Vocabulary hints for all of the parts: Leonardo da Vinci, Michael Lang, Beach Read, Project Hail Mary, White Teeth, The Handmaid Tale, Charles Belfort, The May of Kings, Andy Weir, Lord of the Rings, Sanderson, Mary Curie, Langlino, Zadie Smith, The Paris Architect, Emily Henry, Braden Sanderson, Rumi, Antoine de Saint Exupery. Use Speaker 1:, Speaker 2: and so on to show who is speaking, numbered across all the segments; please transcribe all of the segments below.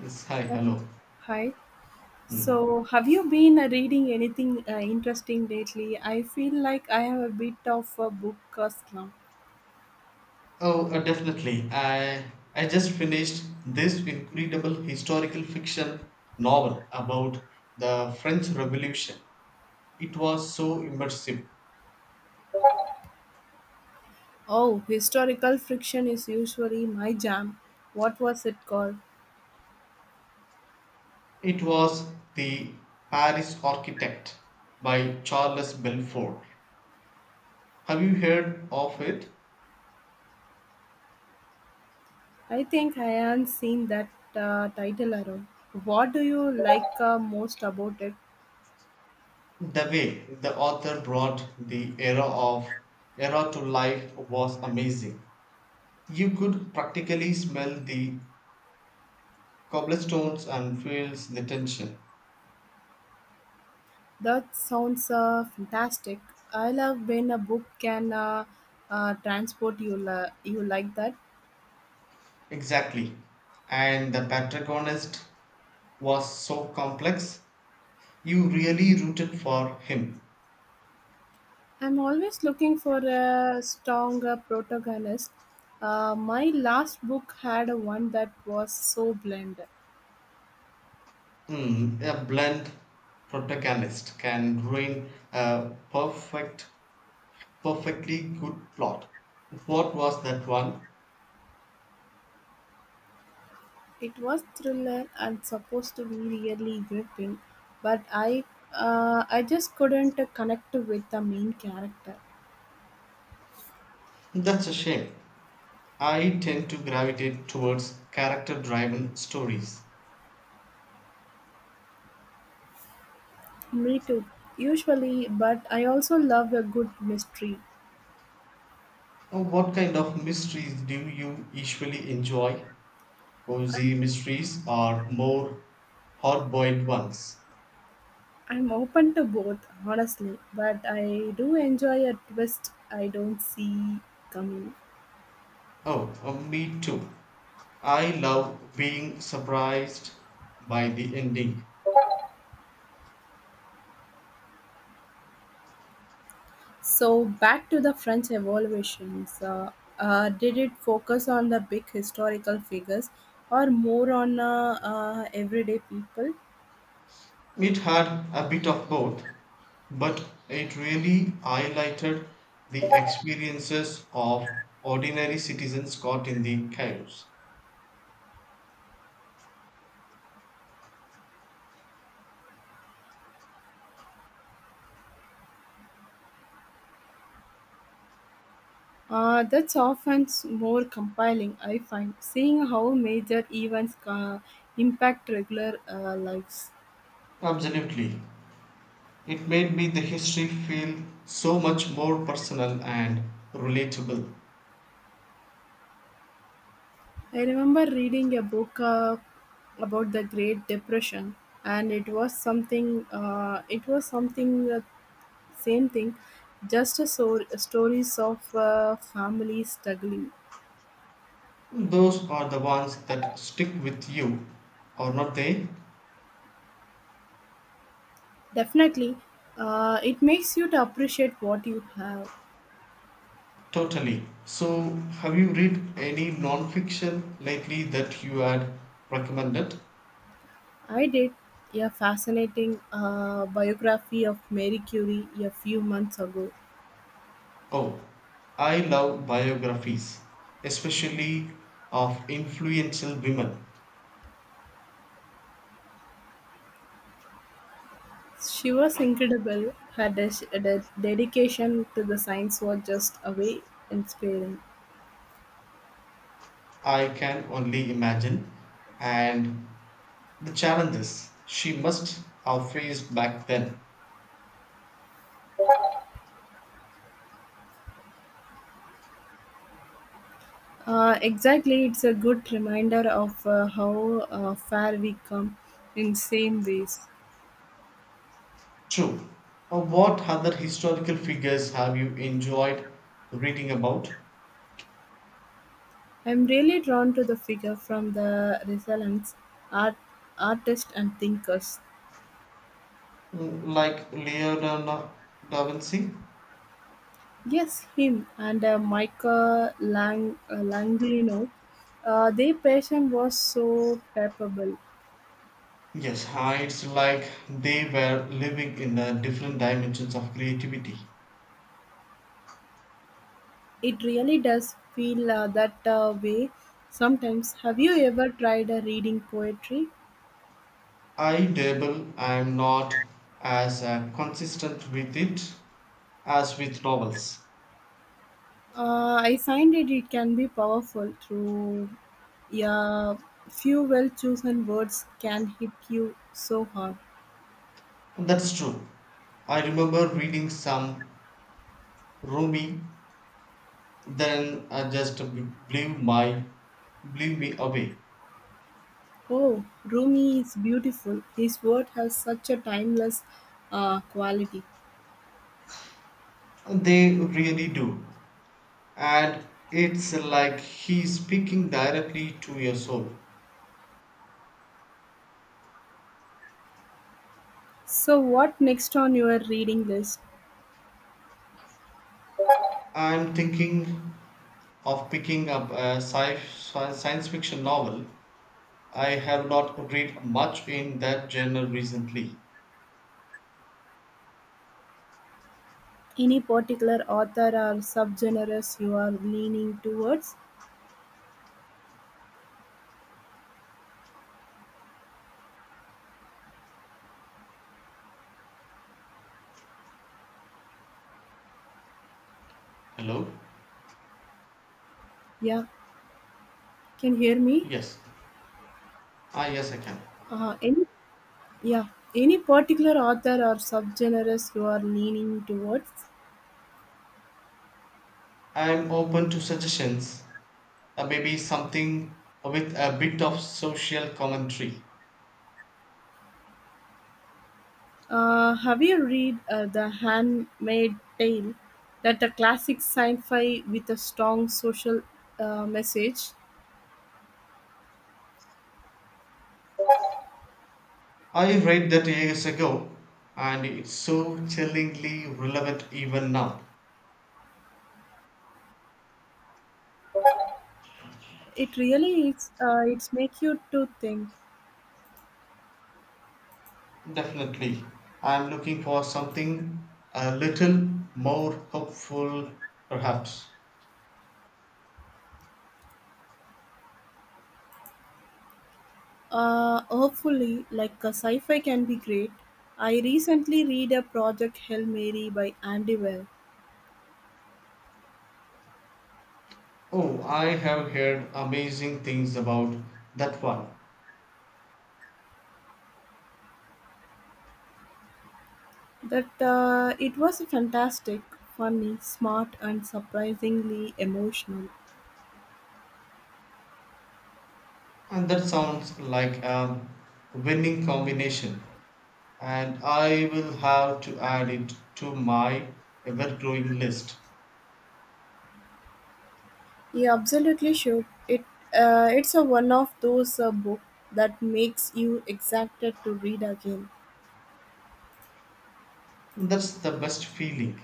Speaker 1: Yes, hi,
Speaker 2: Yeah.
Speaker 1: hello.
Speaker 2: Hi. So, have you been reading anything interesting lately? I feel like I have a bit of a book slump.
Speaker 1: Oh, definitely. I just finished this incredible historical fiction novel about the French Revolution. It was so immersive.
Speaker 2: Oh, historical fiction is usually my jam. What was it called?
Speaker 1: It was The Paris Architect by Charles Belfort. Have you heard of it?
Speaker 2: I think I haven't seen that title around. What do you like most about it?
Speaker 1: The way the author brought the era to life was amazing. You could practically smell the cobblestones and feels the tension.
Speaker 2: That sounds fantastic. I love when a book can transport you. You like that?
Speaker 1: Exactly. And the protagonist was so complex, you really rooted for him.
Speaker 2: I'm always looking for a stronger protagonist. My last book had one that was so bland.
Speaker 1: Mm, a blunt protagonist can ruin a perfect, perfectly good plot. What was that one?
Speaker 2: It was thriller and supposed to be really gripping, but I just couldn't connect with the main character.
Speaker 1: That's a shame. I tend to gravitate towards character driven stories.
Speaker 2: Me too, usually, but I also love a good mystery.
Speaker 1: What kind of mysteries do you usually enjoy? Cozy mysteries are more hard boiled ones.
Speaker 2: I'm open to both, honestly, but I do enjoy a twist I don't see coming.
Speaker 1: Oh, me too. I love being surprised by the ending.
Speaker 2: So back to the French evolutions, did it focus on the big historical figures or more on everyday people?
Speaker 1: It had a bit of both, but it really highlighted the experiences of ordinary citizens caught in the chaos.
Speaker 2: That's often more compelling, I find, seeing how major events impact regular lives.
Speaker 1: Absolutely. It made me the history feel so much more personal and relatable.
Speaker 2: I remember reading a book about the Great Depression, and it was something. Same thing, just a stories of families struggling.
Speaker 1: Those are the ones that stick with you, or not they?
Speaker 2: Definitely, it makes you to appreciate what you have.
Speaker 1: Totally. So, have you read any non-fiction lately that you had recommended?
Speaker 2: I did a fascinating biography of Mary Curie a few months ago.
Speaker 1: Oh, I love biographies, especially of influential women.
Speaker 2: She was incredible. Her dedication to the science was just away inspiring.
Speaker 1: I can only imagine, and the challenges she must have faced back then.
Speaker 2: Exactly, it's a good reminder of how far we come in same ways.
Speaker 1: True. What other historical figures have you enjoyed reading about?
Speaker 2: I am really drawn to the figure from the Renaissance art, artists and thinkers.
Speaker 1: Mm, like Leonardo da Vinci?
Speaker 2: Yes, him and Michael Lang, Langlino. Their passion was so palpable.
Speaker 1: Yes, huh, it's like they were living in the different dimensions of creativity.
Speaker 2: It really does feel that way sometimes. Have you ever tried reading poetry?
Speaker 1: I dabble, I'm not as consistent with it as with novels.
Speaker 2: I find it can be powerful through yeah, few well chosen words can hit you so hard.
Speaker 1: That's true. I remember reading some Rumi, then I just blew me away.
Speaker 2: Oh, Rumi is beautiful. His work has such a timeless quality.
Speaker 1: They really do, and it's like he's speaking directly to your soul.
Speaker 2: So, what next on your reading list?
Speaker 1: I'm thinking of picking up a science fiction novel. I have not read much in that genre recently.
Speaker 2: Any particular author or subgenres you are leaning towards?
Speaker 1: Hello?
Speaker 2: Yeah, can you hear me?
Speaker 1: Yes. Ah, yes, I can.
Speaker 2: Uh, any Yeah, any particular author or subgenres you are leaning towards?
Speaker 1: I'm open to suggestions. Maybe something with a bit of social commentary.
Speaker 2: Have you read The Handmaid Tale? That a classic sci-fi with a strong social message.
Speaker 1: I read that years ago, and it's so chillingly relevant even now.
Speaker 2: It really is. It's make you to think.
Speaker 1: Definitely. I'm looking for something a little more hopeful, perhaps.
Speaker 2: Hopefully, like a sci-fi can be great. I recently read a Project Hail Mary by Andy Weir.
Speaker 1: Oh, I have heard amazing things about that one.
Speaker 2: That It was fantastic, funny, smart, and surprisingly emotional.
Speaker 1: And that sounds like a winning combination. And I will have to add it to my ever growing list.
Speaker 2: You absolutely should. It's a one of those book that makes you excited to read again.
Speaker 1: That's the best feeling.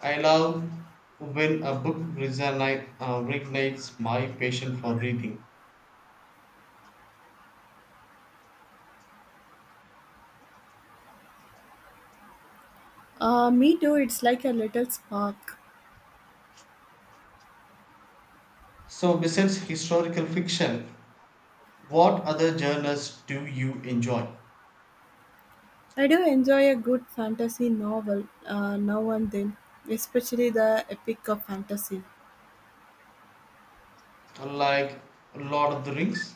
Speaker 1: I love when a book reignites my passion for reading.
Speaker 2: Me too. It's like a little spark.
Speaker 1: So, besides historical fiction, what other genres do you enjoy?
Speaker 2: I do enjoy a good fantasy novel now and then, especially the epic of fantasy.
Speaker 1: Like Lord of the Rings?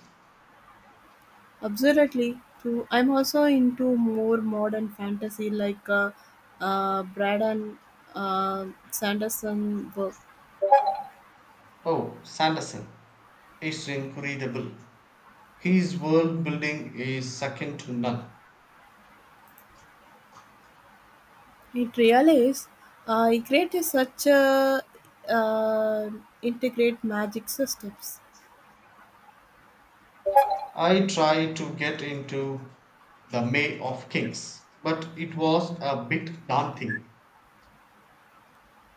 Speaker 2: Absolutely, too. I'm also into more modern fantasy like Braden uh, Sanderson work.
Speaker 1: Oh, Sanderson is incredible. His world building is second to none.
Speaker 2: It really is. It created such a uh, integrate magic systems.
Speaker 1: I tried to get into The May of Kings, but it was a bit daunting.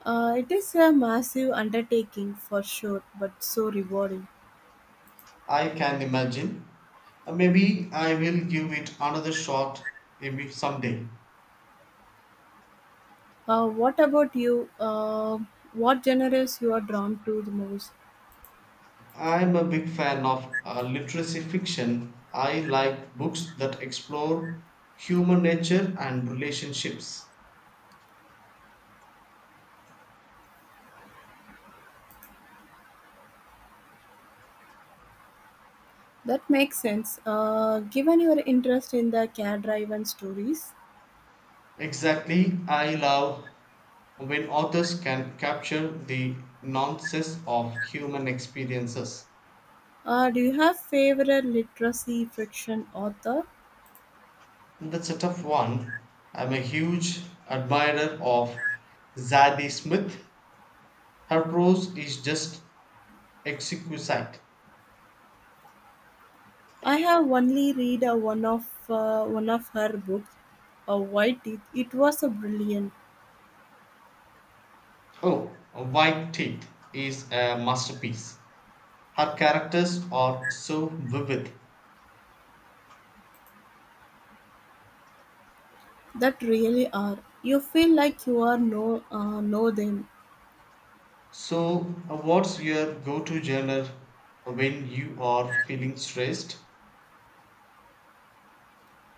Speaker 2: It is a massive undertaking for sure, but so rewarding.
Speaker 1: I can imagine. Maybe I will give it another shot maybe someday.
Speaker 2: What about you? What genres you are drawn to the most?
Speaker 1: I'm a big fan of literacy fiction. I like books that explore human nature and relationships.
Speaker 2: That makes sense. Given your interest in the care-driven stories,
Speaker 1: Exactly, I love when authors can capture the nonsense of human experiences.
Speaker 2: do you have favorite literacy fiction author?
Speaker 1: That's a tough one. I'm a huge admirer of Zadie Smith. Her prose is just exquisite.
Speaker 2: I have only read one of her books, White Teeth. It was a brilliant.
Speaker 1: Oh, White Teeth is a masterpiece. Her characters are so vivid.
Speaker 2: That really are. You feel like you are know them.
Speaker 1: So, what's your go to genre when you are feeling stressed?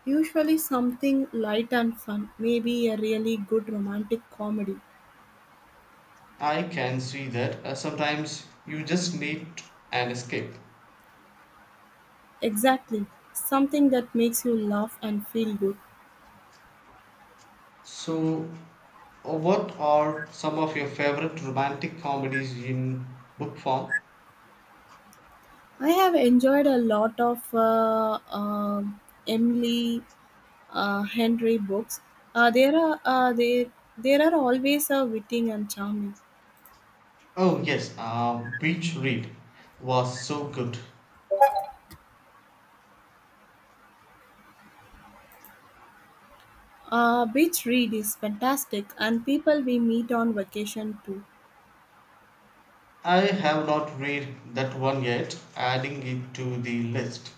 Speaker 2: Usually something light and fun, maybe a really good romantic comedy.
Speaker 1: I can see that sometimes you just need an escape.
Speaker 2: Exactly. Something that makes you laugh and feel good.
Speaker 1: So, what are some of your favorite romantic comedies in book form?
Speaker 2: I have enjoyed a lot of Emily Henry books. There are they there are always a witty and charming.
Speaker 1: Oh, yes, Beach Read was so good.
Speaker 2: Beach read is fantastic, and people we meet on vacation too.
Speaker 1: I have not read that one yet, adding it to the list.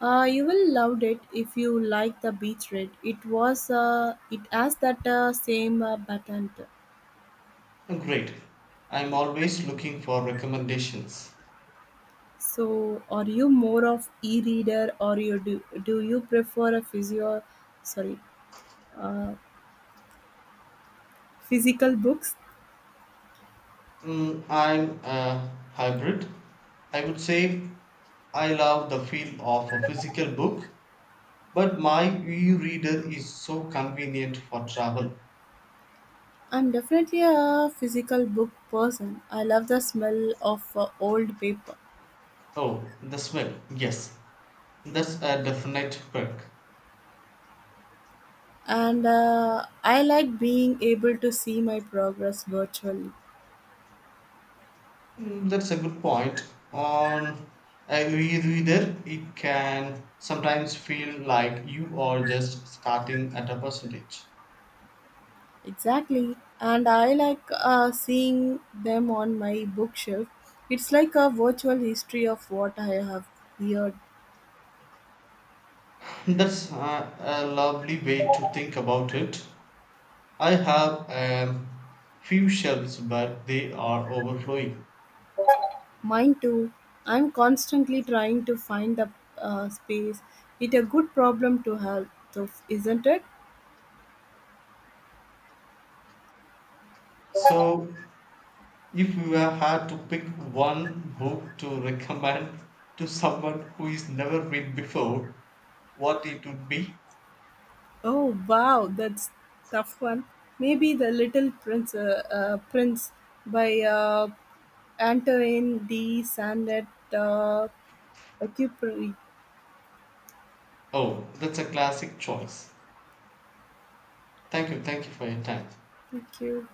Speaker 2: You will love it if you like the beach read. It has that same pattern.
Speaker 1: Oh, great. I'm always looking for recommendations.
Speaker 2: So, are you more of e-reader, or you do do you prefer a physio, sorry, uh, physical books?
Speaker 1: Mm, I'm a hybrid. I would say I love the feel of a physical book, but my e reader is so convenient for travel.
Speaker 2: I'm definitely a physical book person. I love the smell of old paper,
Speaker 1: Oh, the smell. Yes, that's a definite perk.
Speaker 2: and I like being able to see my progress virtually.
Speaker 1: Mm, that's a good point. On a e reader, it can sometimes feel like you are just starting at a percentage.
Speaker 2: Exactly, and I like seeing them on my bookshelf. It's like a virtual history of what I have read.
Speaker 1: That's a lovely way to think about it. I have a few shelves, but they are overflowing.
Speaker 2: Mine too. I'm constantly trying to find the space. It's a good problem to have, though, isn't it?
Speaker 1: So, if you were had to pick one book to recommend to someone who is never read before, what it would be?
Speaker 2: Oh wow, that's tough one. Maybe the Little Prince, Prince by Antoine de Saint uh, Exupery.
Speaker 1: Oh, that's a classic choice. Thank you for your time.
Speaker 2: Thank you.